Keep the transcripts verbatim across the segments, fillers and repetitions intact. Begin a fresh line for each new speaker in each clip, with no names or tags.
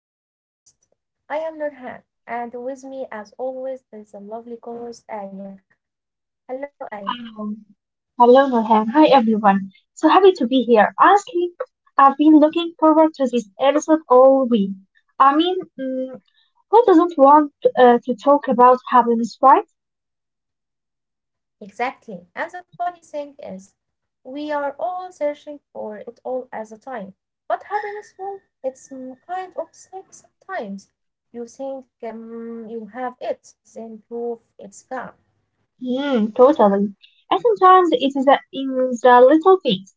our podcast. I am Nurhan, and with me, as always, is a lovely co-host Aya. Hello, Aya.
Hello. Hello, Nurhan. Hi, everyone. So happy to be here. Honestly, I've been looking forward to this episode all week. I mean, mm, who doesn't want uh, to talk about happiness, right?
Exactly. And the funny thing is, we are all searching for it all as a time. But happiness, well, it's mm, kind of sick sometimes. You think um, you have it, then proof it's gone.
Mm, totally. And sometimes it is uh, in the little things,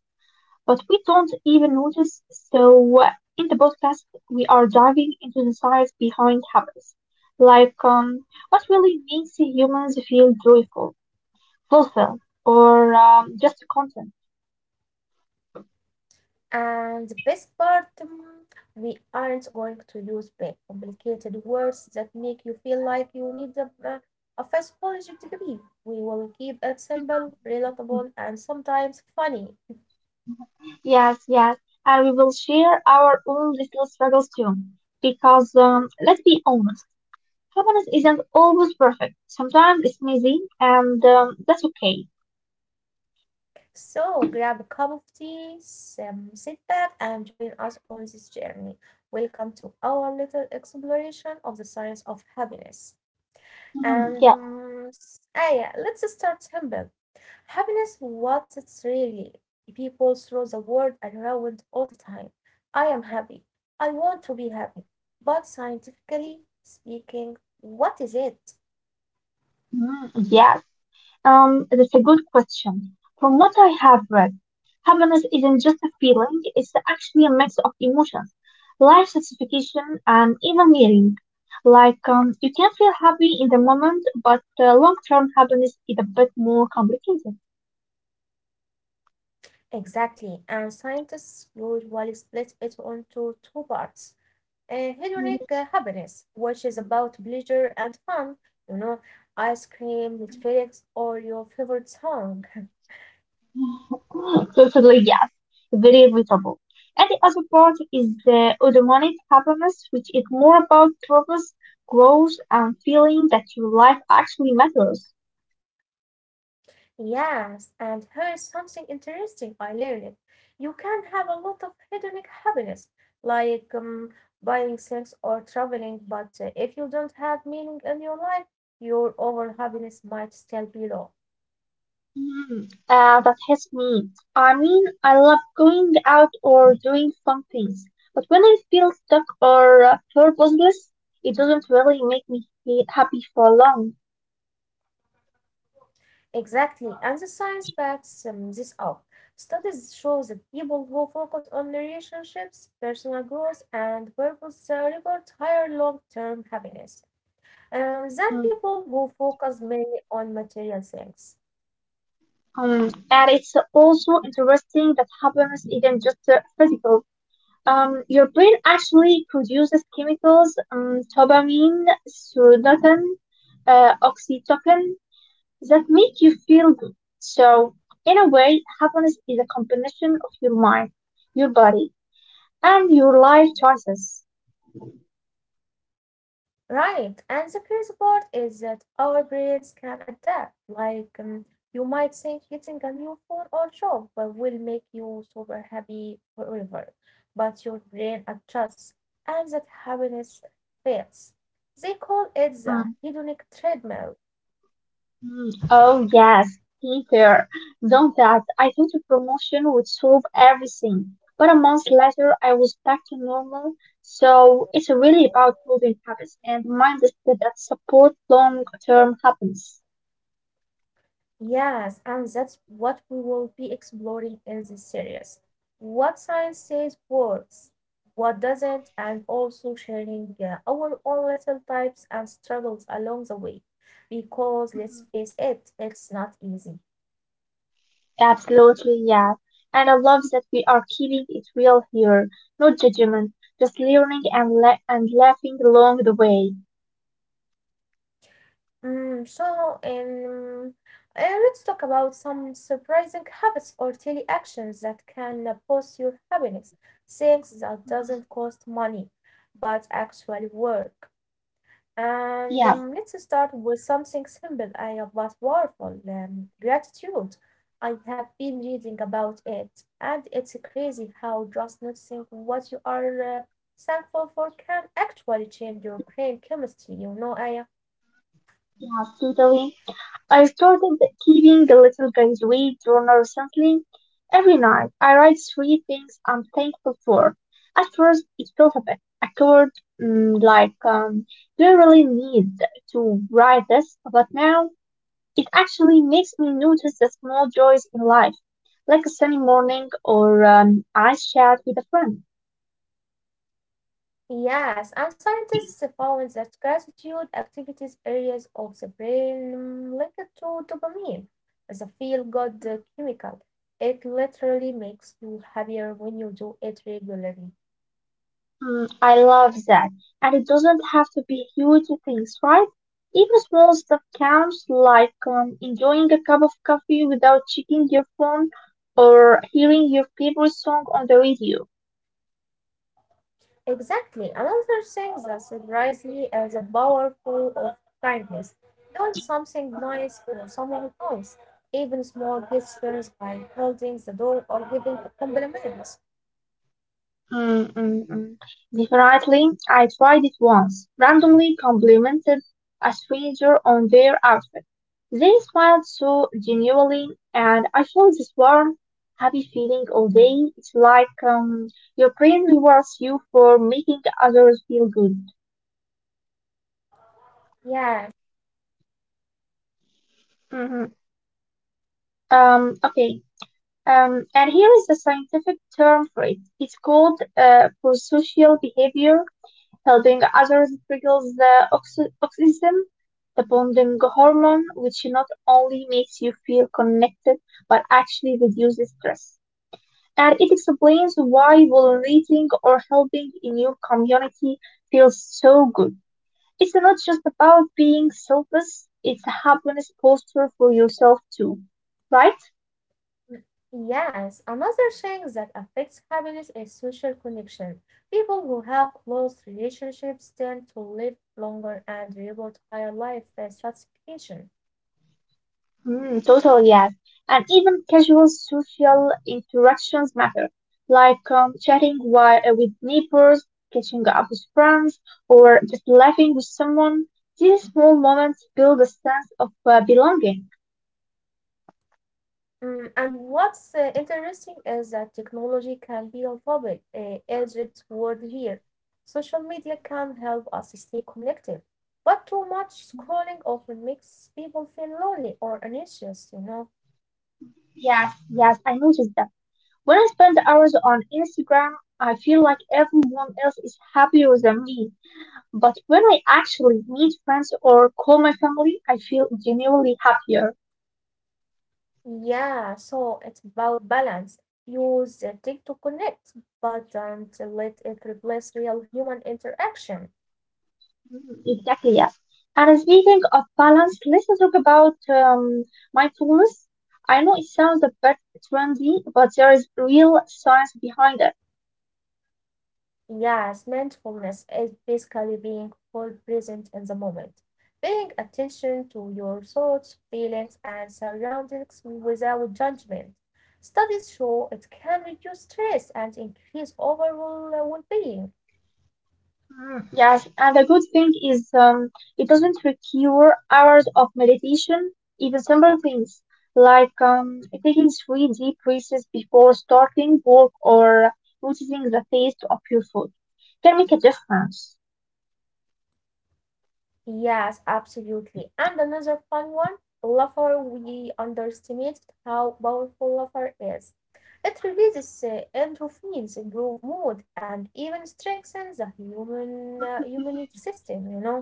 but we don't even notice. So uh, in the podcast, we are diving into the science behind happiness, like um, what really makes humans feel joyful fulfill or um, just content.
And the best part, mm, we aren't going to use big, complicated words that make you feel like you need a, a, a fast degree. We will keep it simple, relatable, and sometimes funny.
Yes, yes, and we will share our own little struggles too. Because um, let's be honest, happiness isn't always perfect. Sometimes it's messy, and um, that's okay.
So grab a cup of tea, some, sit back, and join us on this journey. Welcome to our little exploration of the science of happiness.
Mhm.
And
Yeah.
um, ah, yeah, let's start simple. Happiness, what's it really? People throw the word around all the time. I am happy. I want to be happy. But scientifically speaking, what is it?
Mm, yeah. Um, that's a good question. From what I have read, happiness isn't just a feeling, it's actually a mix of emotions, life satisfaction, and even meaning. Like, um, you can feel happy in the moment, but uh, long term happiness is a bit more complicated.
Exactly. And scientists usually split it into two parts. Uh, hedonic uh, happiness, which is about pleasure and fun, you know, ice cream, Netflix, or your favorite song.
Mhm. Totally, yes. Very relatable. And the other part is the eudaimonic happiness, which is more about purpose, growth, and feeling that your life actually matters.
Yes, and here is something interesting I learned. You can have a lot of hedonic happiness, like um, buying things or traveling, but uh, if you don't have meaning in your life, your overall happiness might still be low.
Hmm, uh, that hits me. I mean, I love going out or doing fun things, but when I feel stuck or uh, purposeless, it doesn't really make me he- happy for long.
Exactly, and the science backs um, this up. Studies show that people who focus on relationships, personal growth, and purpose uh, report higher long term happiness uh, than
Mm,
people who focus mainly on material things.
Um, and it's also interesting that happiness isn't just uh, physical. Um, your brain actually produces chemicals, um, dopamine, serotonin, uh, oxytocin, that make you feel good. So, in a way, happiness is a combination of your mind, your body, and your life choices.
Right. And the crazy part is that our brains can adapt. Like, um, you might think getting a new phone or job will will make you super happy forever, but your brain adjusts and that happiness fades. They call it the hedonic treadmill.
Mhm. Oh, yes, Peter, don't that. I thought a promotion would solve everything. But a month later, I was back to normal. So it's really about building habits and mindsets that support long-term happiness.
Yes, and that's what we will be exploring in this series. What science says works, what doesn't, and also sharing uh, our own little types and struggles along the way. Because let's face it, it's not easy.
Absolutely, yes. And I love that we are keeping it real here. No judgment, just learning and la- and laughing along the way.
Mm, so, um, uh, let's talk about some surprising habits or daily actions that can uh, boost your happiness. Things that
Mhm.
doesn't cost money, but actually work. And um,
Yes,
let's start with something simple I, but powerful um, gratitude. I have been reading about it, and it's crazy how just noticing what you are uh, thankful for can actually change your brain chemistry, you know, Aya.
yes, totally. I started keeping the little graduate journal recently. Every night, I write three things I'm thankful for. At first, it felt a bit awkward, mm, like, um, do I really need to write this? But now, it actually makes me notice the small joys in life, like a sunny morning or an ice chat with a friend.
Yes, and scientists have found that gratitude activities areas of the brain um, linked to dopamine, the feel-good uh, chemical. It literally makes you happier when you do it regularly.
Mm, I love that. And it doesn't have to be huge things, right? Even small stuff counts, like um, enjoying a cup of coffee without checking your phone or hearing your favorite song on the radio.
Exactly. Another thing that surprised me is the powerful of kindness. Doing something
Mm,
nice for someone else, even small gestures like holding the door or giving a compliment.
Mm, mm, mm. Definitely, I tried it once. Randomly complimented a stranger on their outfit. They smiled so genuinely, and I felt this warm, happy feeling all day. It's like um, your brain rewards you for making others feel good.
Yeah.
hmm Um, okay. Um, and here is the scientific term for it. It's called uh, prosocial behavior. Helping others triggers the oxy- oxytocin, the bonding hormone, which not only makes you feel connected but actually reduces stress. And it explains why volunteering or helping in your community feels so good. It's not just about being selfless, it's a happiness poster for yourself too, right?
Yes, another thing that affects happiness is social connection. People who have close relationships tend to live longer and reward higher life satisfaction.
Mm, totally, yes. And even casual social interactions matter, like um, chatting while, uh, with neighbors, catching up with friends, or just laughing with someone. These small moments build a sense of uh, belonging.
Mm, and what's uh, interesting is that technology can be a double uh, edged sword here. Social media can help us stay connected, but too much scrolling often makes people feel lonely or anxious, you know?
Yes, yes, I noticed that. When I spend hours on Instagram, I feel like everyone else is happier than me. But when I actually meet friends or call my family, I feel genuinely happier.
Yeah, so it's about balance. Use the tech to connect, but don't let it replace real human interaction.
Mm, exactly, yes. And speaking of balance, let's talk about um, mindfulness. I know it sounds a bit trendy, but there is real science behind it.
Yes, mindfulness is basically being full present in the moment, paying attention to your thoughts, feelings, and surroundings without judgment. Studies show it can reduce stress and increase overall well being.
Mm, Yes, and the good thing is um, it doesn't require hours of meditation, even simple things like um, taking three deep breaths before starting work or noticing the taste of your food can make a difference.
Yes, absolutely. And another fun one, Lover. We underestimate how powerful Lover is. It releases uh, endorphins, improve mood, and even strengthens the human uh, human system. You know.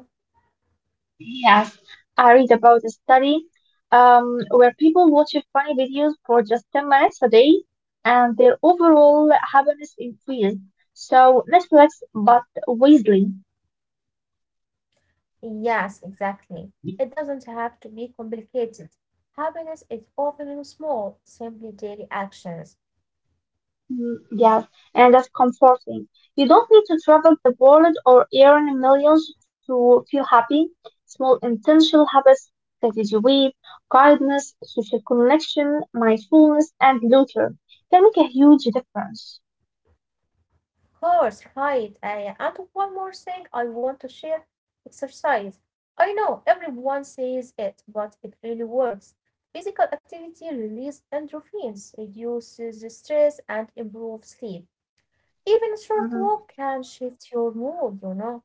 Yes, I read about a study um, where people watch funny videos for just ten minutes a day and their overall happiness increased. So Netflix, but wisely.
Yes, exactly. It doesn't have to be complicated. Happiness is often in small, simply daily actions.
Mm, Yes, and that's comforting. You don't need to travel the world or earn millions to feel happy. Small intentional habits, strategy weight, kindness, social connection, mindfulness, and laughter can make a huge difference.
Course, right. Uh, and one more thing I want to share exercise. I know everyone says it, but it really works. Physical activity releases endorphins, reduces stress, and improves sleep. Even a short
Mm-hmm.
walk can shift your mood, you know.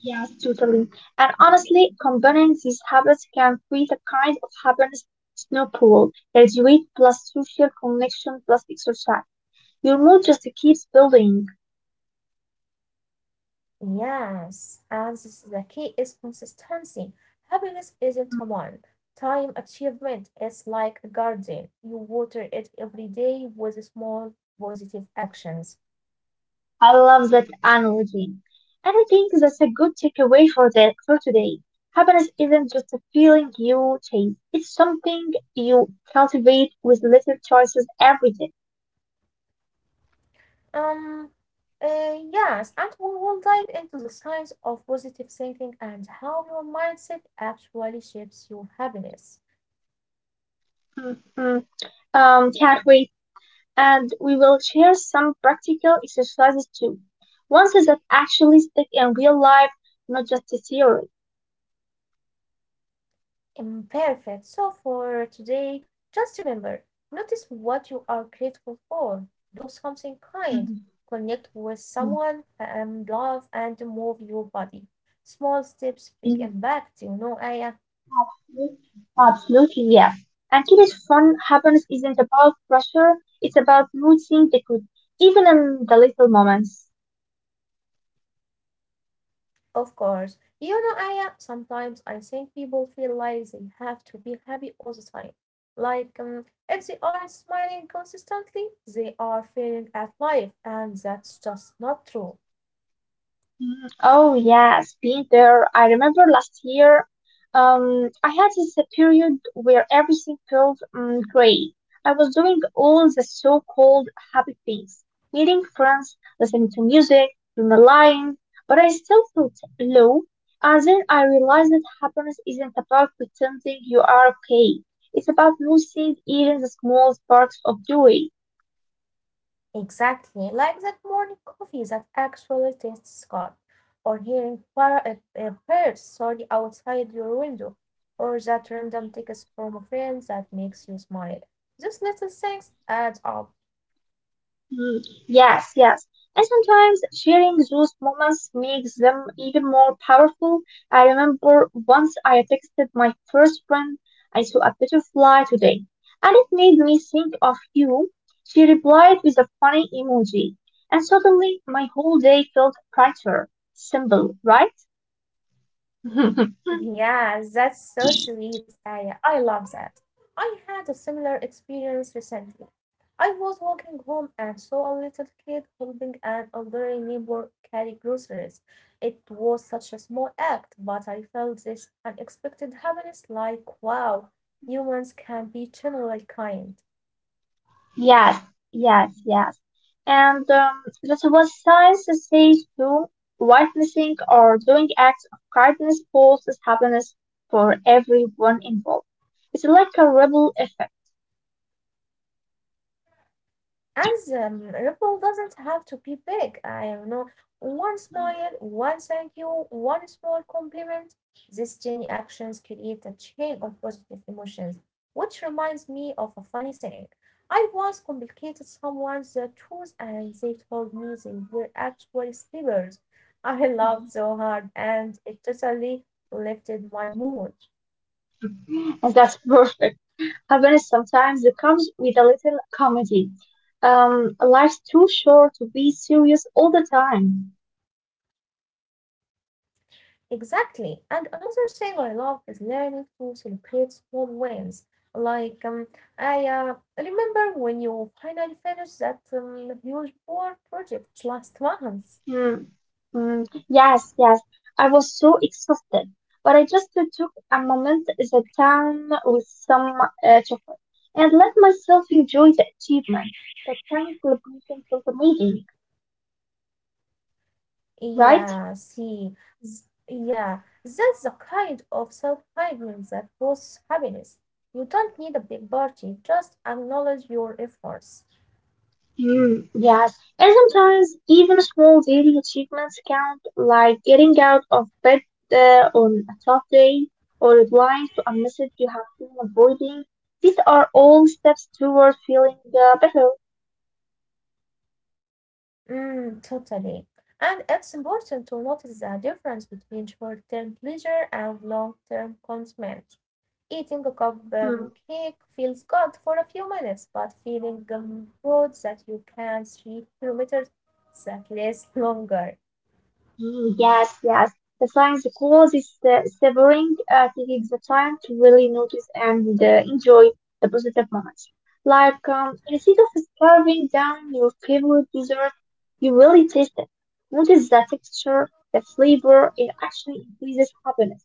Yes, totally. And honestly, combining these habits can create a kind of happiness snowball. There's Graduate plus social connection plus exercise. Your mood just keeps building.
Yes, and this is the key is consistency. Happiness isn't a
Mm.
one time achievement, it's like a garden. You water it every day with small positive actions.
I love that analogy. And I think that's a good takeaway for that for today. Happiness isn't just a feeling you chase. It's something you cultivate with little choices every day.
Um, uh, yes, and we will dive into the science of positive thinking and how your mindset actually shapes your happiness.
Mm, mm. Um, can't wait, and we will share some practical exercises too. Ones that actually stick in real life, not just the theory.
Imperfect. So, for today, just remember notice what you are grateful for, do something kind,
Mm-hmm.
connect with someone, and love and move your body. Small steps, big impact. You know, I am.
Absolutely, yes. And keep it fun happens isn't about pressure, it's about noticing the good, even in the little moments.
Of course. You know, Aya, sometimes I think people feel like they have to be happy all the time. Like, um, if they aren't smiling consistently, they are failing at life, and that's just not true.
Mm, oh yes, been there. I remember last year, um, I had this period where everything felt um, great. I was doing all the so-called happy things, meeting friends, listening to music, journaling, but I still felt low. And then I realized that happiness isn't about pretending you are okay. It's about noticing even the small sparks of joy.
Exactly. Like that morning coffee that actually tastes good, or hearing par- uh, uh, birds sorry outside your window, or that random text from a friend that makes you smile. These little things add up.
Mm, yes, yes. And sometimes sharing those moments makes them even more powerful. I remember once I texted my first friend, I saw a butterfly today, and it made me think of you. She replied with a funny emoji, and suddenly my whole day felt brighter. Simple, right?
Yeah, that's so sweet, Aya. I love that. I had a similar experience recently. I was walking home and saw a little kid helping an elderly neighbor carry groceries. It was such a small act, but I felt this unexpected happiness like, wow, humans can be generally kind.
Yes, yes, yes. And um, that was science says too. Witnessing or doing acts of kindness causes happiness for everyone involved. It's like a ripple effect.
And the ripple doesn't have to be big. I don't know. One smile, one thank you, one small compliment. These tiny actions create a chain of positive emotions, which reminds me of a funny thing. I once complicated someone's uh, truth and they told me they were actually slippers. I laughed so hard and it totally lifted my mood.
And that's perfect. Happiness sometimes comes with a little comedy. Um, life's too short to be serious all the time.
Exactly. And another thing I love is learning to celebrate small wins. Like um, I uh, remember when you finally finished that um, huge board project last month.
Hmm. Mm, yes, yes. I was so exhausted, but I just uh, took a moment at the time with some uh, chocolate and let myself enjoy the achievement. That kind of celebration felt amazing, right?
Yeah, see, s- yeah, that's the kind of self-kindness that boosts happiness. You don't need a big party, just acknowledge your efforts.
Mm, yes. And sometimes even small daily achievements count, like getting out of bed uh, on a tough day or replying to a message you have been avoiding. These are all steps toward feeling uh, better.
Mm, totally. And it's important to notice the difference between short-term pleasure and long-term commitment. Eating a cup um,
Mm.
cake feels good for a few minutes, but feeling um, proud that you can three kilometers that lasts longer.
Mm, Yes, yes. The science calls is uh, savoring, uh, taking the time to really notice and uh, enjoy the positive moments. Like, um, instead of carving down your favorite dessert, you really taste it. Notice the texture, the flavor, it actually increases happiness.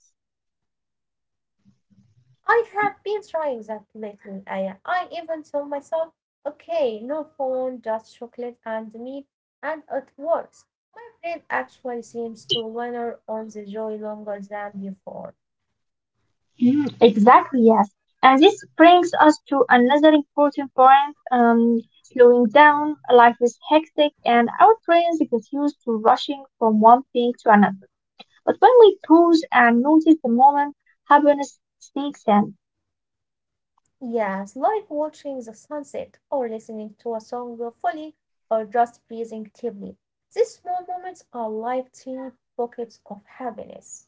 I have been trying that lately, Aya. I even told myself, okay, no phone, just chocolate and me, and it works. My brain actually seems to linger on the joy longer than before.
Mm, exactly, yes. And this brings us to another important point, um, slowing down. Life is hectic and our brains get used to rushing from one thing to another. But when we pause and notice the moment, happiness sneaks in.
Yes, like watching the sunset or listening to a song fully or just breathing deeply. These small moments are like tiny pockets of happiness.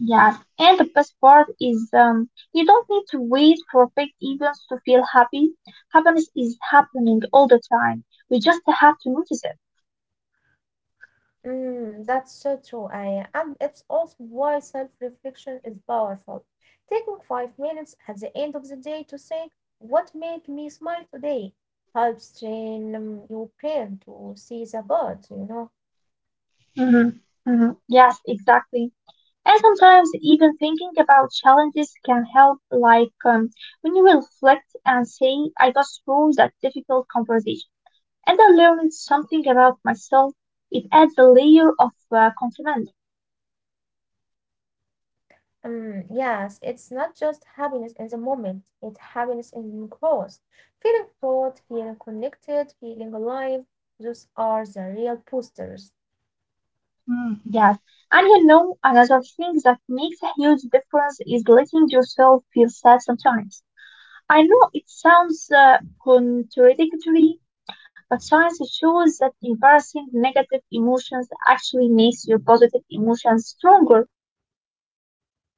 Yeah, and the best part is um, you don't need to wait for big events to feel happy. Happiness is happening all the time. We just have to notice it.
Mm, that's so true, Aya. And it's also why self-reflection is powerful. Taking five minutes at the end of the day to think, what made me smile today, helps train um, your brain to see the good, you know.
hmm hmm Yes, exactly. And sometimes even thinking about challenges can help, like um, when you reflect and say, I got through that difficult conversation and I learned something about myself. It adds a layer of uh, confidence.
Um, yes, it's not just happiness in the moment, it's happiness in growth. Feeling proud, feeling connected, feeling alive, those are the real boosters.
Mm, yes. And you know, another thing that makes a huge difference is letting yourself feel sad sometimes. I know it sounds uh, contradictory, but science shows that embarrassing negative emotions actually makes your positive emotions stronger.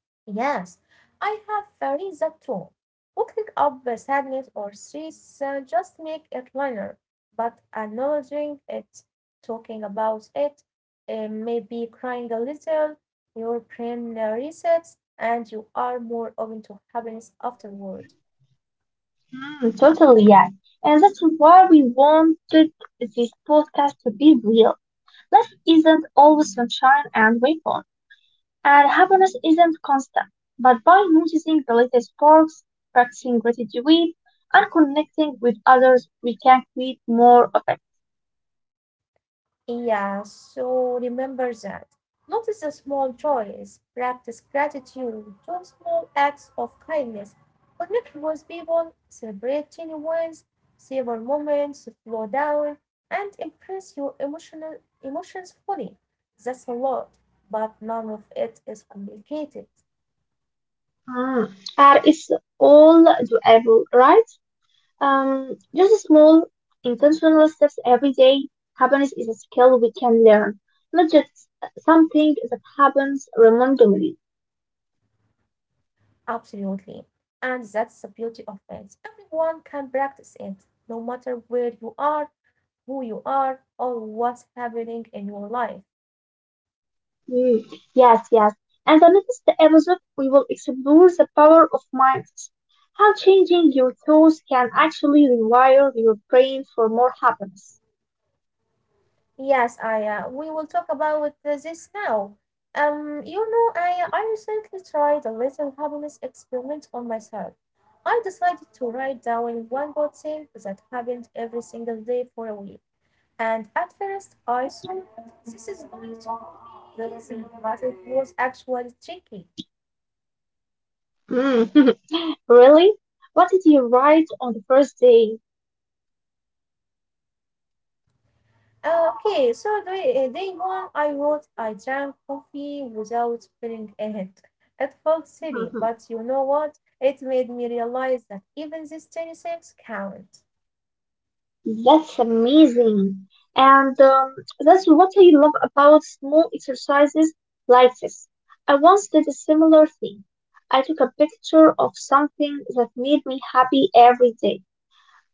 Yes, I have uh, read that too. Looking up the sadness or stress uh, just make it learner, but acknowledging it, talking about it, uh, maybe crying a little, your brain uh, resets and you are more open to happiness afterward.
Mm, totally, yeah. And that's why we wanted this podcast to be real. Life isn't always sunshine and rainbows. And happiness isn't constant, but by noticing the little sparks, practicing gratitude, and connecting with others, we can create more of it.
Yeah, so remember that. Notice the small joys, practice gratitude, do small acts of kindness, connect with people, celebrate tiny wins, savor moments, slow down, and embrace your emotional emotions fully. That's a lot, but none of it is complicated.
Mm. And it's all doable, right? Um, just small, intentional steps every day. Happiness is a skill we can learn, not just something that happens randomly.
Absolutely. And that's the beauty of it. Everyone can practice it, no matter where you are, who you are, or what's happening in your life.
Mm, yes, yes. And the next episode, we will explore the power of mindset, how changing your thoughts can actually rewire your brain for more happiness.
Yes, Aya, we will talk about this now. Um, you know, Aya, I recently tried a little happiness experiment on myself. I decided to write down one good thing that happened every single day for a week. And at first, I thought this is going to be easy, but it was actually tricky.
Mm. Really? What did you write on the first day?
Uh, Okay, so day, uh, day one, I wrote, I drank coffee without spilling it. It felt silly, but
Mhm.
you know what? It made me realize that even these tiny things count.
That's amazing. And um, that's what I love about small exercises like this. I once did a similar thing. I took a picture of something that made me happy every day.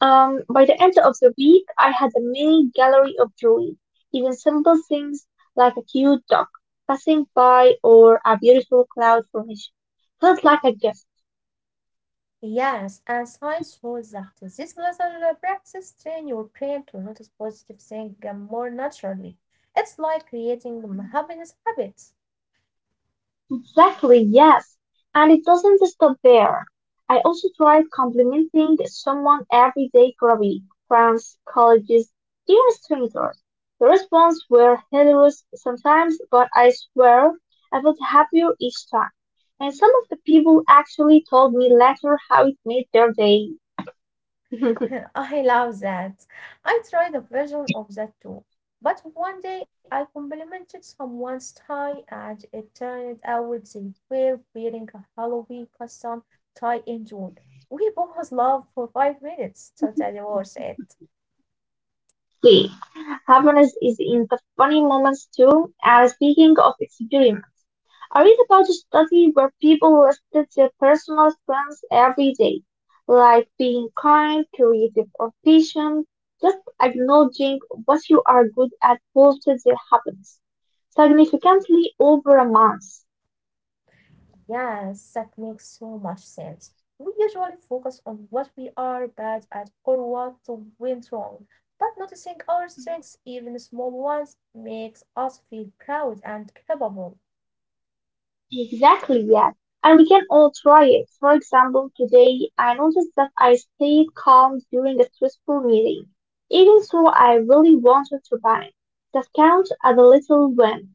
Um, by the end of the week, I had a mini gallery of drawings, even simple things like a cute duck passing by or a beautiful cloud formation. Felt like a gift.
Yes, and science shows that this little uh, practice train your brain to notice positive things uh, more naturally. It's like creating happiness habits.
Exactly, yes. And it doesn't stop there. I also tried complimenting someone every day for a week. Friends, colleagues, even strangers. The response were hilarious sometimes, but I swear I felt happier each time. And some of the people actually told me later how it made their day.
I love that. I tried a version of that too. But one day I complimented someone's tie and it turned out they were wearing a Halloween custom tie in June. We both laughed for five minutes. Totally worth it.
Day. Happiness is in the funny moments too. And speaking of experience, I read about a study where people listed their personal strengths every day, like being kind, creative, or patient. Just acknowledging what you are good at boosted their happiness significantly over a month.
Yes, that makes so much sense. We usually focus on what we are bad at or what went wrong. But noticing our strengths, even small ones, makes us feel proud and capable.
Exactly, yeah. And we can all try it. For example, today I noticed that I stayed calm during a stressful meeting, even though I really wanted to panic. That counts as a little win.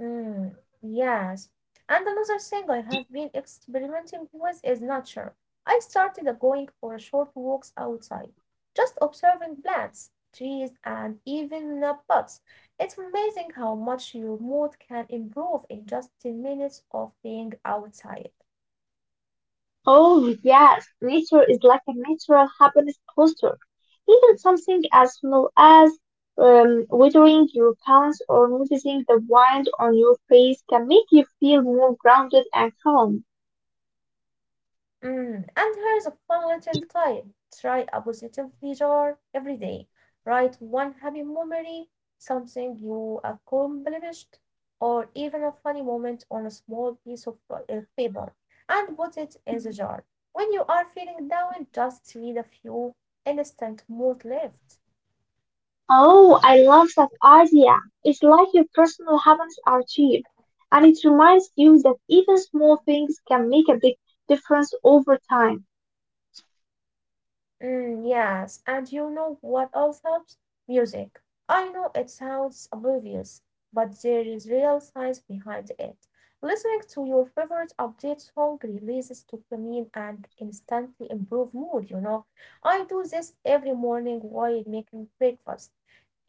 Mm, yes. And another thing I have been experimenting with is nature. I started uh, going for short walks outside, just observing plants, trees, and even uh, bugs. It's amazing how much your mood can improve in just ten minutes of being outside.
Oh, yes, nature is like a natural happiness booster. Even something as small as um, weathering your pants or noticing the wind on your face can make you feel more grounded and calm.
Mm, and here's a fun little tip. Try a positivity jar every day. Write one happy memory, something you accomplished, or even a funny moment on a small piece of pa- uh, paper, and put it in the jar. When you are feeling down, just read a few instant mood lifts.
Oh, I love that idea. It's like your personal habits are cheap, and it reminds you that even small things can make a big difference over time.
Mm, yes, and you know what else helps? Music. I know it sounds obvious, but there is real science behind it. Listening to your favorite update song releases dopamine and instantly improve mood, you know. I do this every morning while making breakfast.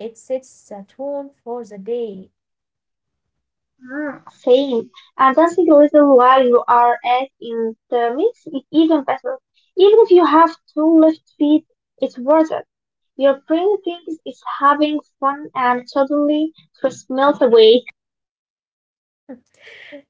It sets the tone for the day.
Mm, same, and that's the reason why you are at in the mix is even better. Even if you have two left feet, it's worth it. Your brain thinks it's having fun and suddenly stress melt away.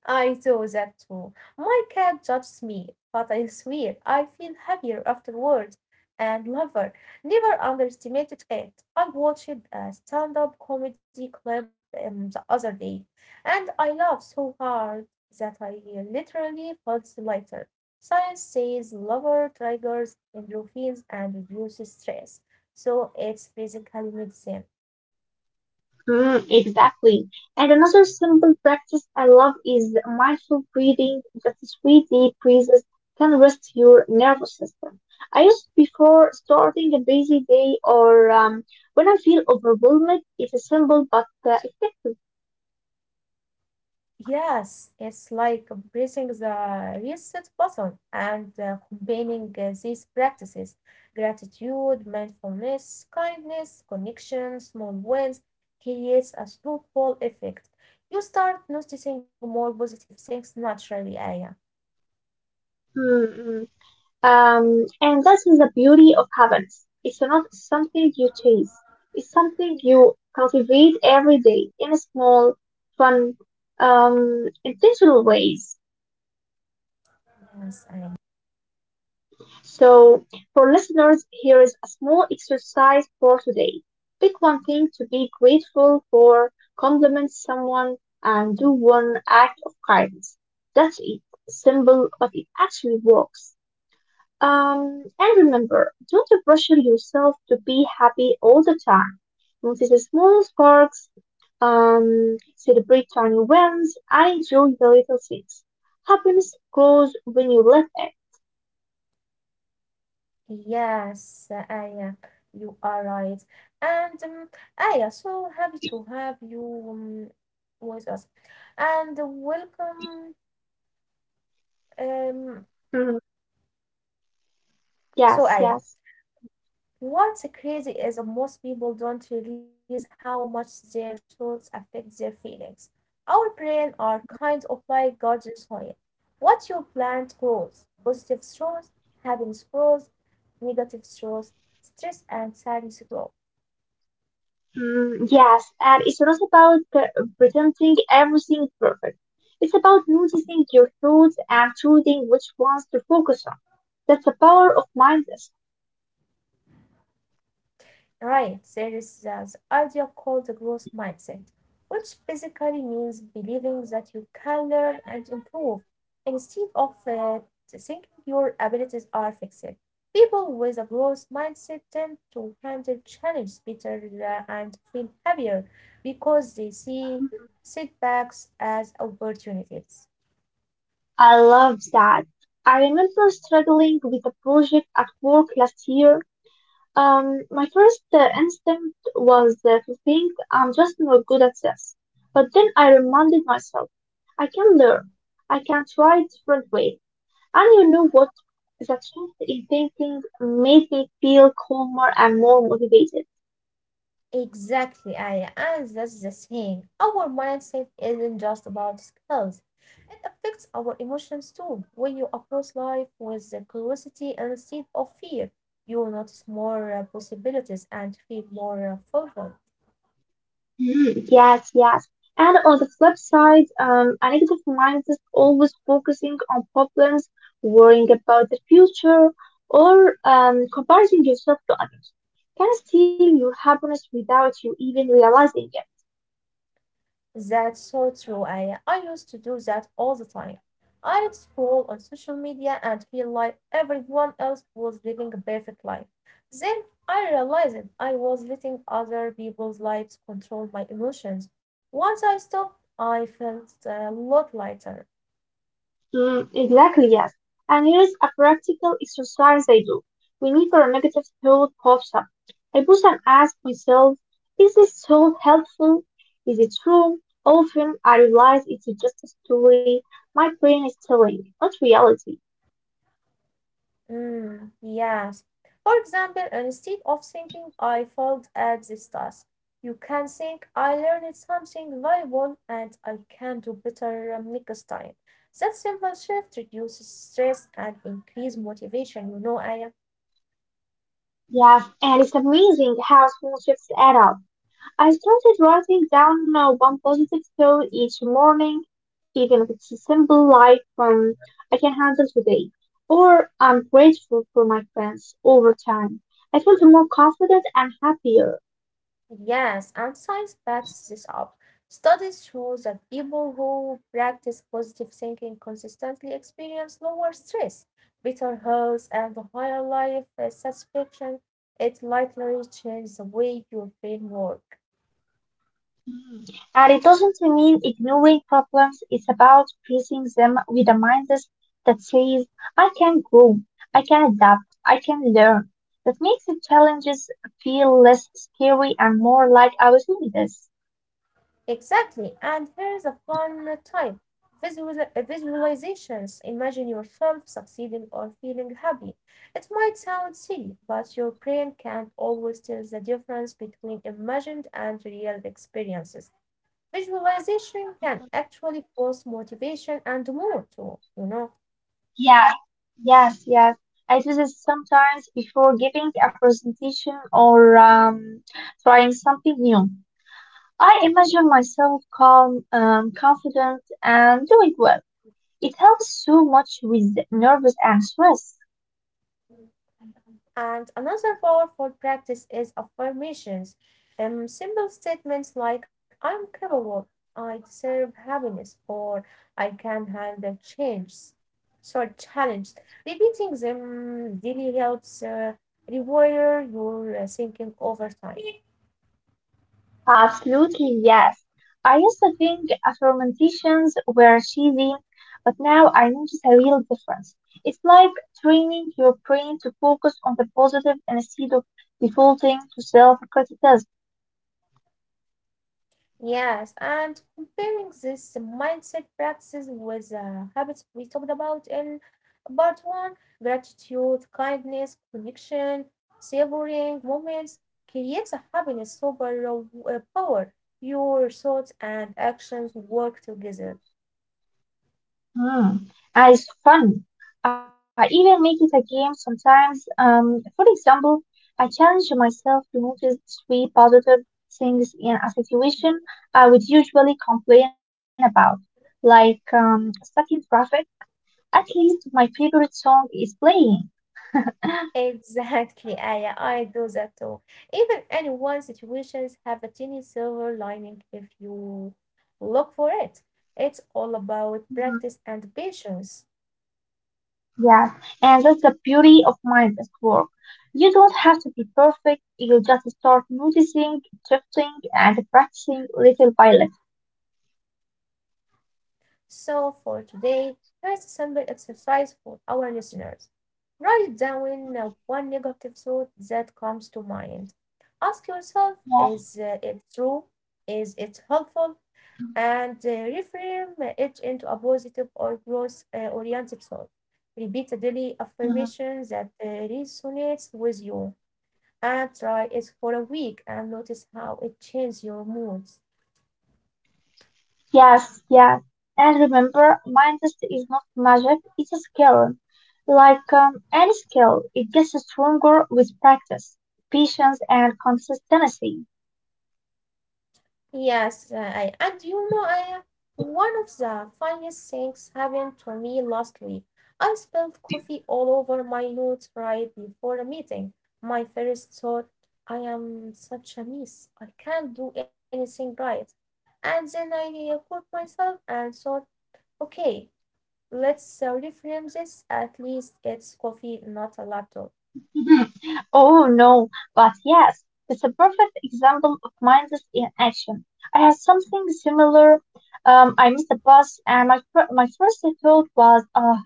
I do that too. My cat judges me, but I swear I feel happier afterward. And lover, never underestimated it. I watched a stand up comedy clip um, the other day, and I laughed so hard that I literally felt lighter. Science says lover triggers endorphins and reduces stress, so it's basically medicine.
Mm, exactly. And another simple practice I love is mindful breathing. Just three deep breaths can rest your nervous system. I use it before starting a busy day or um, when I feel overwhelmed. It's a simple but uh, effective.
Yes, it's like pressing the reset button and uh, combining uh, these practices gratitude, mindfulness, kindness, connection, small wins creates a snowball effect. You start noticing more positive things naturally, Aya.
Mm, mm. Um, and that is the beauty of habits. It's not something you chase. It's something you cultivate every day in a small, fun, um, intentional ways.
Yes, Aya.
So, for listeners, here is a small exercise for today. Pick one thing to be grateful for, compliment someone, and do one act of kindness. That's it. Simple, but it actually works. Um, and remember, don't pressure yourself to be happy all the time. Notice the small sparks, um, celebrate tiny wins, and enjoy the little things. Happiness grows when you let it.
Yes, Aya, you are right. And um, Aya, so happy to have you um, with us. And welcome. Um,
Mhm.
so,
Yes,
Aya.
yes.
What's crazy is that most people don't realize how much their thoughts affect their feelings. Our brain are
Mhm.
kind of like gardeners soil. What you plant grows. Positive thoughts, happiness grows, negative thoughts, stress and sadness grow.
Mm, yes, and it's not about uh, pretending everything is perfect. It's about noticing your thoughts and choosing which ones to focus on. That's the power of mindfulness.
Right, there is uh, the idea called the growth mindset, which basically means believing that you can learn and improve instead of uh, thinking your abilities are fixed. People with a growth mindset tend to handle challenges better uh, and feel happier because they see setbacks as opportunities.
I love that. I remember struggling with a project at work last year. Um, my first uh, instinct was uh, to think I'm just not good at this. But then I reminded myself, I can learn. I can try different ways. And you know what? The change in thinking made me feel calmer and more motivated.
Exactly, Aya, and that's the thing. Our mindset isn't just about skills, it affects our emotions too. When you approach life with the curiosity instead of fear, you will notice more uh, possibilities and feel more uh, fulfilled.
Hmm. Yes, yes. And on the flip side, um, a negative mindset always focusing on problems, worrying about the future, or um, comparing yourself to others can steal your happiness without you even realizing it.
That's so true, Aya. I used to do that all the time. I'd scroll on social media and feel like everyone else was living a perfect life. Then I realized I was letting other people's lives control my emotions. Once I stopped, I felt a lot lighter.
Mm, exactly, yes. And here's a practical exercise I do. Whenever a negative thought pops up, I pause and ask myself, is this thought helpful? Is it true? Often I realize it's just a story my brain is telling, not reality.
Mm, yes. For example, instead of thinking I failed at this task, you can think I learned something valuable and I can do better um, next time. That simple shift reduces stress and increases motivation. You know, Aya.
Yes, and it's amazing how small shifts add up. I started writing down uh, one positive thought each morning, even if it's a simple like um, I can handle today, or I'm grateful for my friends over time. I felt more confident and happier.
Yes, and science backs this up. Studies show that people who practice positive thinking consistently experience lower stress, better health, and higher life uh, satisfaction. It likely changes the way your brain works.
Mm. And it doesn't mean ignoring problems, it's about facing them with a mindset that says, I can grow, I can adapt, I can learn. That makes the challenges feel less scary and more like I was doing this.
Exactly. And here's a fun tip Visual, uh, visualizations. Imagine yourself succeeding or feeling happy. It might sound silly, but your brain can't always tell the difference between imagined and real experiences. Visualization can actually boost motivation and mood too, you know.
Yeah, yes, yes. I do this sometimes before giving a presentation or um, trying something new. I imagine myself calm, um, confident, and doing well. It helps so much with nervous and stress.
And another powerful practice is affirmations. Um, simple statements like I'm capable, I deserve happiness, or I can handle change, So, challenge. Repeating them daily helps uh, rewire your uh, thinking over time.
Absolutely, yes. I used to think affirmations were cheesy, but now I notice a real difference. It's like training your brain to focus on the positive instead of defaulting to self-criticism.
Yes, and comparing this mindset practices with the habits we talked about in part one gratitude, kindness, connection, savoring moments creates a happiness super uh, power. Your thoughts and actions work together.
Hmm. And it's fun. I even make it a game sometimes. Um, for example, I challenge myself to notice three positive things in a situation I would usually complain about, like um, stuck in traffic. At least my favorite song is playing.
Exactly, Aya, I do that too. Even any one situations have a tiny silver lining if you look for it. It's all about practice
Mhm.
and patience.
Yes, and that's the beauty of mind at work. You don't have to be perfect. You just start noticing, shifting, and practicing little by little.
So for today, here's a simple exercise for our listeners. Write down uh,
Mhm.
one negative thought that comes to mind. Ask yourself is uh, it true? Is it helpful? And uh, reframe it into a positive or growth uh, oriented thought. Repeat a daily
Yes.
affirmation that uh, resonates with you and try it for a week and notice how it changes your moods.
Yes, yes. And remember, mindset is not magic, it's a skill. Like um, any skill, it gets stronger with practice, patience, and consistency.
Yes, uh, I, and you know, I one of the funniest things happened to me last week. I spilled coffee all over my notes right before a meeting. My first thought, I am such a mess. I can't do anything right. And then I uh, caught myself and thought, okay, let's uh, reframe this. At least it's coffee, not a laptop.
Mhm. Oh no, but yes, it's a perfect example of mindset in action. I had something similar. Um, I missed a bus, and my fir- my first thought was, "Ah,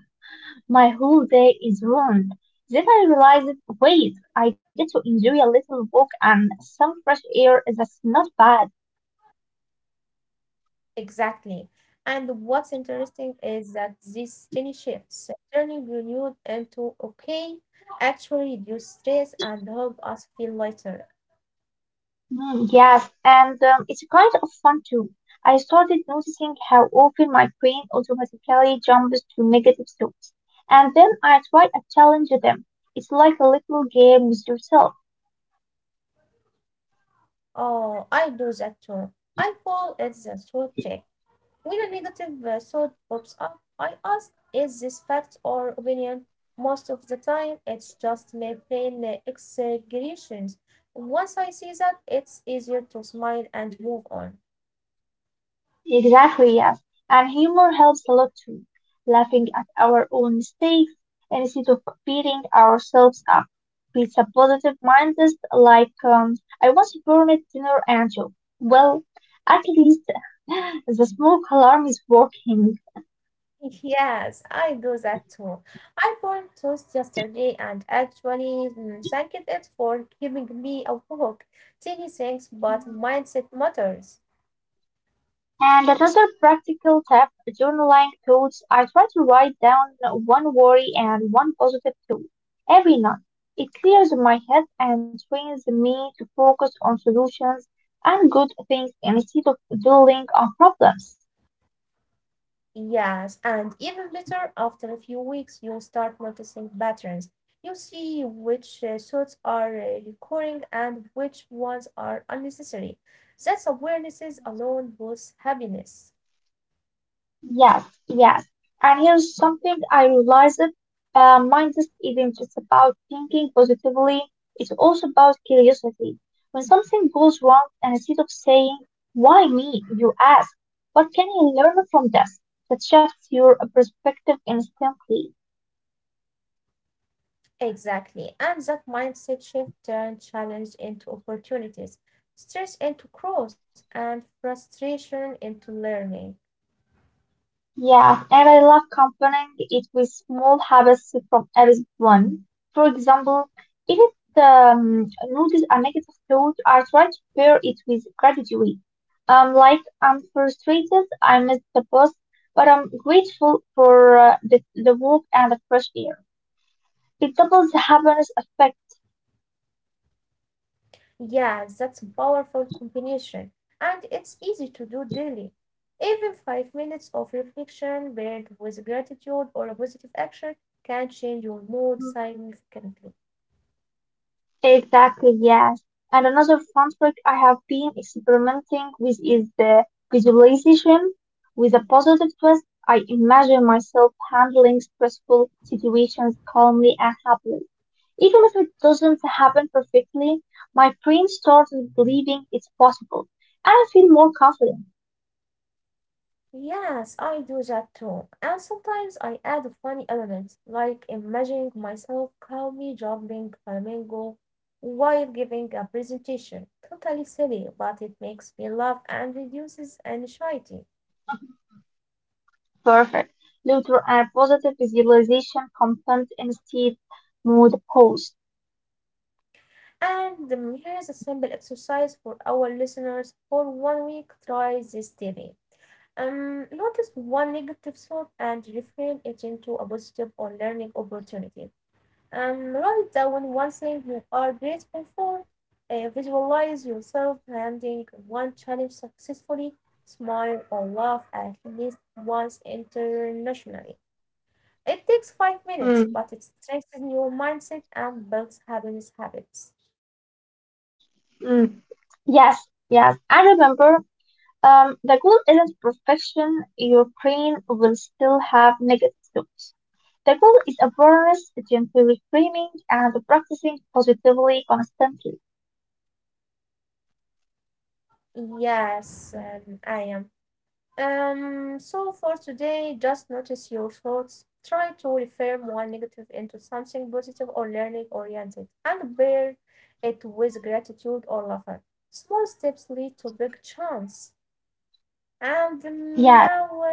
my whole day is ruined." Then I realized, wait, I get to enjoy a little walk and some fresh air. That's not bad.
Exactly. And what's interesting is that these tiny shifts, turning your into okay, actually reduce stress and help us feel lighter.
Mm, yes, and um, it's kind of fun too. I started noticing how often my brain automatically jumps to negative thoughts, and then I try to challenge them. It's like a little game with yourself.
Oh, I do that too. I call it the thought check. When a negative uh, thought pops up, I ask, is this fact or opinion? Most of the time, it's just my plain uh, exaggerations. Once I see that, it's easier to smile and move on.
Exactly, yes. And humor helps a lot too. Laughing at our own mistakes instead of beating ourselves up. With a positive mindset, like, um, I want to burn it dinner and joke. Well, at least the smoke alarm is working.
Yes, I do that too. I burned toast yesterday and actually mm, thanked it for giving me a awake. Tiny things, but mindset matters.
And another practical tip, journaling thoughts. I try to write down one worry and one positive thought every night. It clears my head and trains me to focus on solutions and good things instead of dwelling on problems.
Yes, and even later, after a few weeks, you start noticing patterns. You see which uh, thoughts are uh, recurring and which ones are unnecessary. That's awareness alone boosts happiness.
Yes, yes. And here's something I realized. Uh, mindset isn't just about thinking positively, it's also about curiosity. When something goes wrong, and instead of saying, why me, you ask, what can I learn from this? That shifts your perspective instantly.
Exactly. And that mindset shift turns challenge into opportunities, stress into growth, and frustration into learning.
Yeah, and I love comparing it with small habits from everyone. For example, if it um, notice a negative thought, I try to pair it with gratitude. Um, like I'm frustrated, I missed the bus, but I'm grateful for uh, the, the walk and the fresh air. It doubles the happiness effect.
Yeah, that's a powerful combination. And it's easy to do daily. Even five minutes of reflection paired with gratitude or a positive action can change your mood significantly.
Exactly, yes. And another fun trick I have been experimenting with is the visualization. With a positive twist, I imagine myself handling stressful situations calmly and happily. Even if it doesn't happen perfectly, my brain starts believing it's possible, and I feel more confident.
Yes, I do that too. And sometimes I add a funny element, like imagining myself calmly jumping flamingo while giving a presentation. Totally silly, but it makes me laugh and reduces anxiety.
Perfect. Neutral and positive visualization content instead mood post.
And um, here is a simple exercise for our listeners for one week. Try this daily. Um, notice one negative thought and reframe it into a positive or learning opportunity. Um, write down one thing you are grateful for. Uh, visualize yourself handling one challenge successfully. Smile or laugh at least once internationally. It takes five minutes,
Mm,
but it strengthens your mindset and builds happiness habits.
mm. Yes, yes. I remember Um, the goal isn't perfection. Your brain will still have negative thoughts. The goal is awareness, gently reframing, and practicing positively constantly.
Yes, um, I am Um, so for today, just notice your thoughts. Try to reframe one negative into something positive or learning oriented and pair it with gratitude or laughter. Small steps lead to big chance. And now
Yes.
I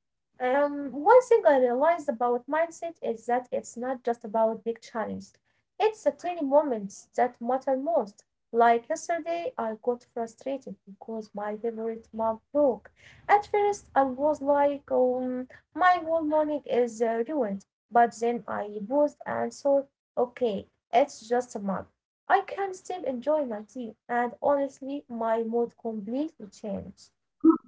um, One thing I realized about mindset is that it's not just about big challenges. It's the tiny moments that matter most. Like yesterday, I got frustrated because my favorite mug broke. At first, I was like, um, my whole morning is uh, ruined. But then I paused and thought, okay, it's just a mug. I can still enjoy my tea, and honestly, my mood completely changed.
Mhm.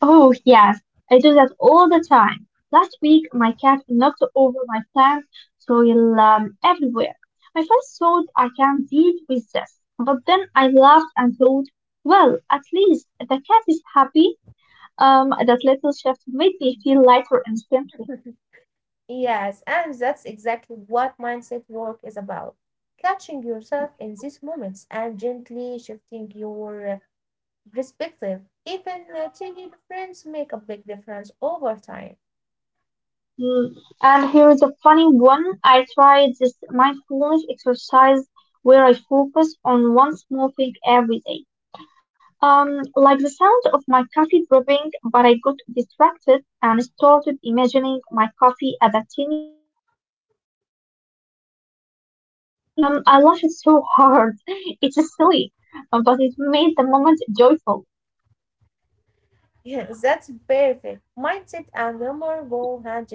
Oh, yes. I do that all the time. Last week, my cat knocked over my plant, soil um, everywhere. My first thought, I can deal with this. But then I laughed and thought, well, at least the cat is happy. Um, that little shift made me feel lighter instantly.
Yes, and that's exactly what mindset work is about. Catching yourself in these moments and gently shifting your uh, perspective. Even uh, tiny difference make a big difference over time.
Mm, and here is a funny one. I tried this mindfulness exercise where I focus on one small thing every day. Um, like the sound of my coffee dripping, but I got distracted and started imagining my coffee as a tiny waterfall for ants. Um, I laughed so hard. It's silly, uh, but it made the moment joyful.
Yes, that's perfect. Mindset and humor go hand in hand.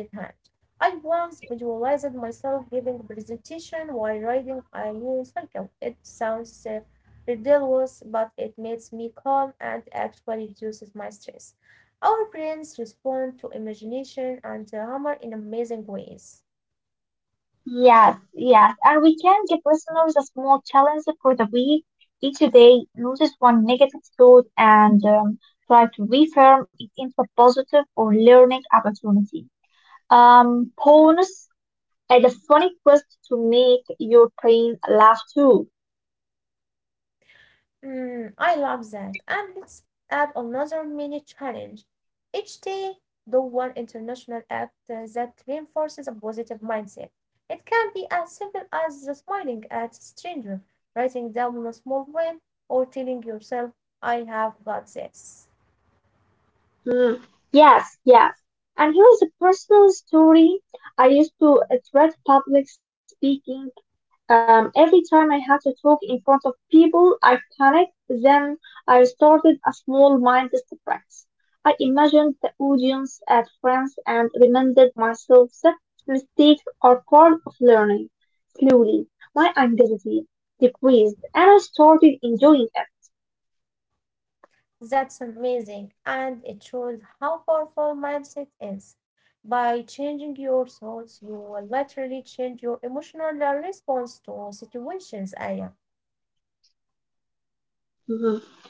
I once visualized myself giving presentation while riding a new cycle. It sounds uh, ridiculous, but it makes me calm and actually reduces my stress. Our brains respond to imagination and uh, humor in amazing ways.
Yes, yes, and we can give listeners a small challenge for the week. Each day, notice one negative thought and um, try to reframe it into a positive or learning opportunity. Um, bonus, add a funny twist to make your brain laugh too.
Mm, I love that. And let's add another mini challenge. Each day, do one international act uh, that reinforces a positive mindset. It can be as simple as smiling at a stranger, writing down a small win, or telling yourself, I have got this.
Hmm, yes, yes. And here's a personal story. I used to uh, dread public speaking. Um, every time I had to talk in front of people, I panicked. Then I started a small mindless practice. I imagined the audience as friends and reminded myself that mistakes are part of learning. Slowly, my anxiety decreased and I started enjoying it.
That's amazing, and it shows how powerful mindset is. By changing your thoughts, you will literally change your emotional uh, response to situations, Aya.
Mhm.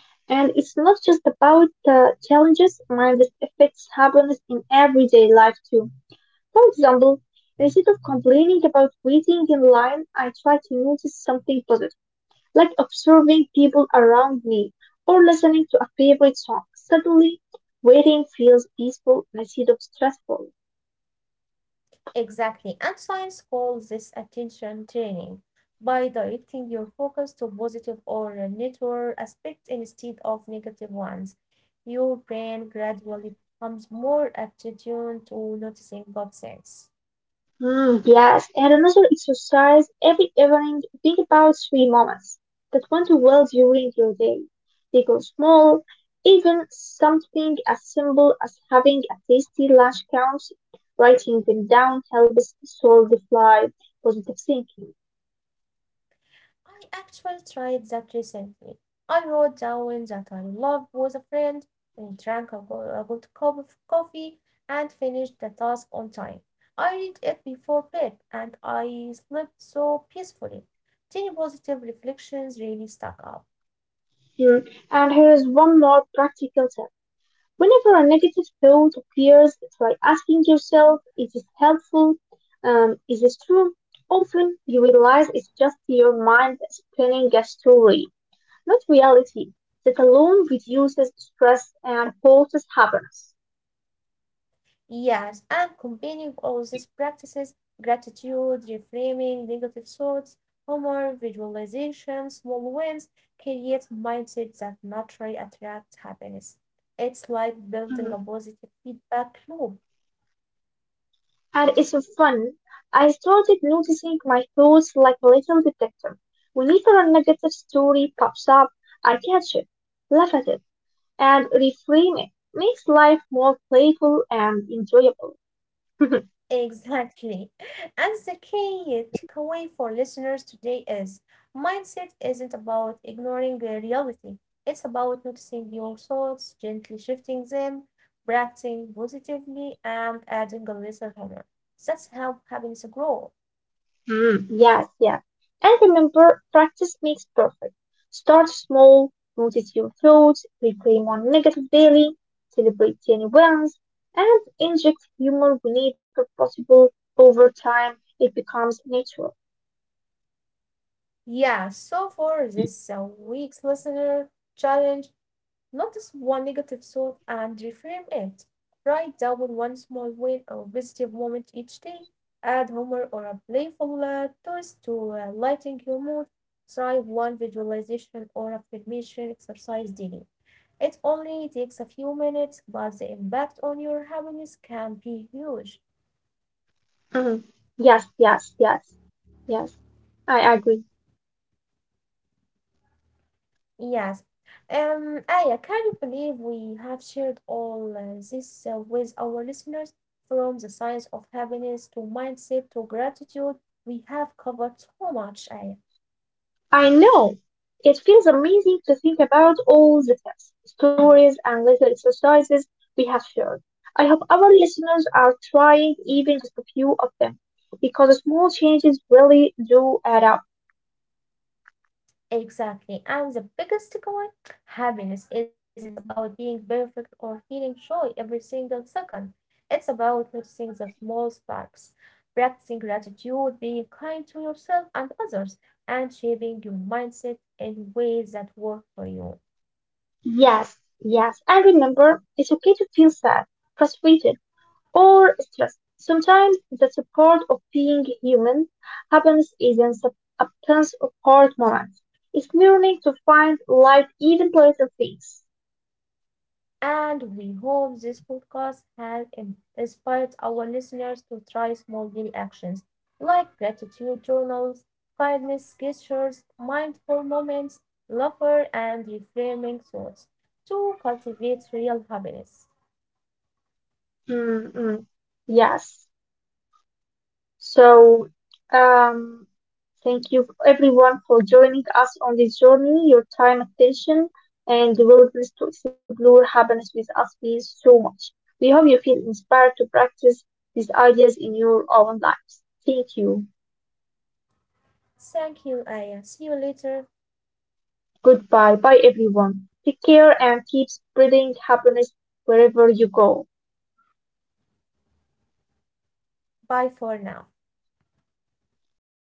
And it's not just about uh, challenges, mindless effects happens in everyday life too. For example, instead of complaining about waiting in line, I try to notice something positive, like observing people around me or listening to a favorite song. Suddenly, waiting feels peaceful instead of stressful.
Exactly. And science calls this attention training by directing your focus to positive or neutral aspects instead of negative ones. Your brain gradually becomes more attuned to noticing good things.
Mm, yes, and another exercise every evening. Think about three moments that went well during your day. They go small, even something as simple as having a tasty lunch counts. Writing them down helps solidify positive thinking.
I actually tried that recently. I wrote down that I loved was a friend, and drank a go- a good cup of coffee, and finished the task on time. I read it before bed, and I slept so peacefully. Tiny positive reflections really stuck up.
Mm, and here is one more practical tip. Whenever a negative thought appears, try asking yourself, is this helpful? Um, is this true? Often you realize it's just your mind spinning a story, not reality. That alone reduces stress and boosts happiness.
Yes, and combining all these practices gratitude, reframing, negative thoughts, humor, visualization, small wins creates mindset that naturally attracts happiness. It's like building a
Mhm.
positive feedback loop.
And it's so fun. I started noticing my thoughts like a little detective. Whenever a negative story pops up, I catch it, laugh at it, and reframe it. Makes life more playful and enjoyable. Mhm.
Exactly. And the key takeaway for listeners today is mindset isn't about ignoring the reality. It's about noticing your thoughts, gently shifting them, practicing positively, and adding a little humor. That's how happiness grows.
Mm, yes, yes. And remember, practice makes perfect. Start small, notice your flaws, reclaim one negative daily, celebrate tiny wins, and inject humor whenever possible. Over time, it becomes natural.
Yeah, so for this uh, week's listener challenge, notice one negative thought and reframe it. Write down one small win or positive moment each day. Add humor or a playful uh, twist to uh, lighten your mood. Try one visualization or affirmation exercise daily. It only takes a few minutes, but the impact on your happiness can be huge.
Mm, yes, yes, yes, yes. I agree.
Yes. Um, Aya, can you believe we have shared all uh, this uh, with our listeners? From the science of happiness to mindset to gratitude, we have covered so much, Aya.
I know. It feels amazing to think about all the tips, stories, and little exercises we have shared. I hope our listeners are trying even just a few of them because small changes really do add up.
Exactly. And the biggest takeaway happiness isn't about being perfect or feeling joy every single second. It's about noticing the small sparks, practicing gratitude, being kind to yourself and others, and shaping your mindset in ways that work for you.
Yes, yes. And remember, it's okay to feel sad, frustrated, or stressed. Sometimes that's a part of being human. Happiness isn't a absence of hard moments. It's learning to find light even pleasant things.
And we hope this podcast has inspired our listeners to try small daily actions like gratitude journals, kindness gestures, mindful moments, laughter, and reframing thoughts to cultivate real happiness.
Mm, mm. Yes. So, um, thank you everyone for joining us on this journey. Your time, attention, and the willingness to explore happiness with us means so much. We hope you feel inspired to practice these ideas in your own lives. Thank you.
Thank you, Aya. See you later.
Goodbye. Bye, everyone. Take care and keep spreading happiness wherever you go.
Bye for now.
Bye.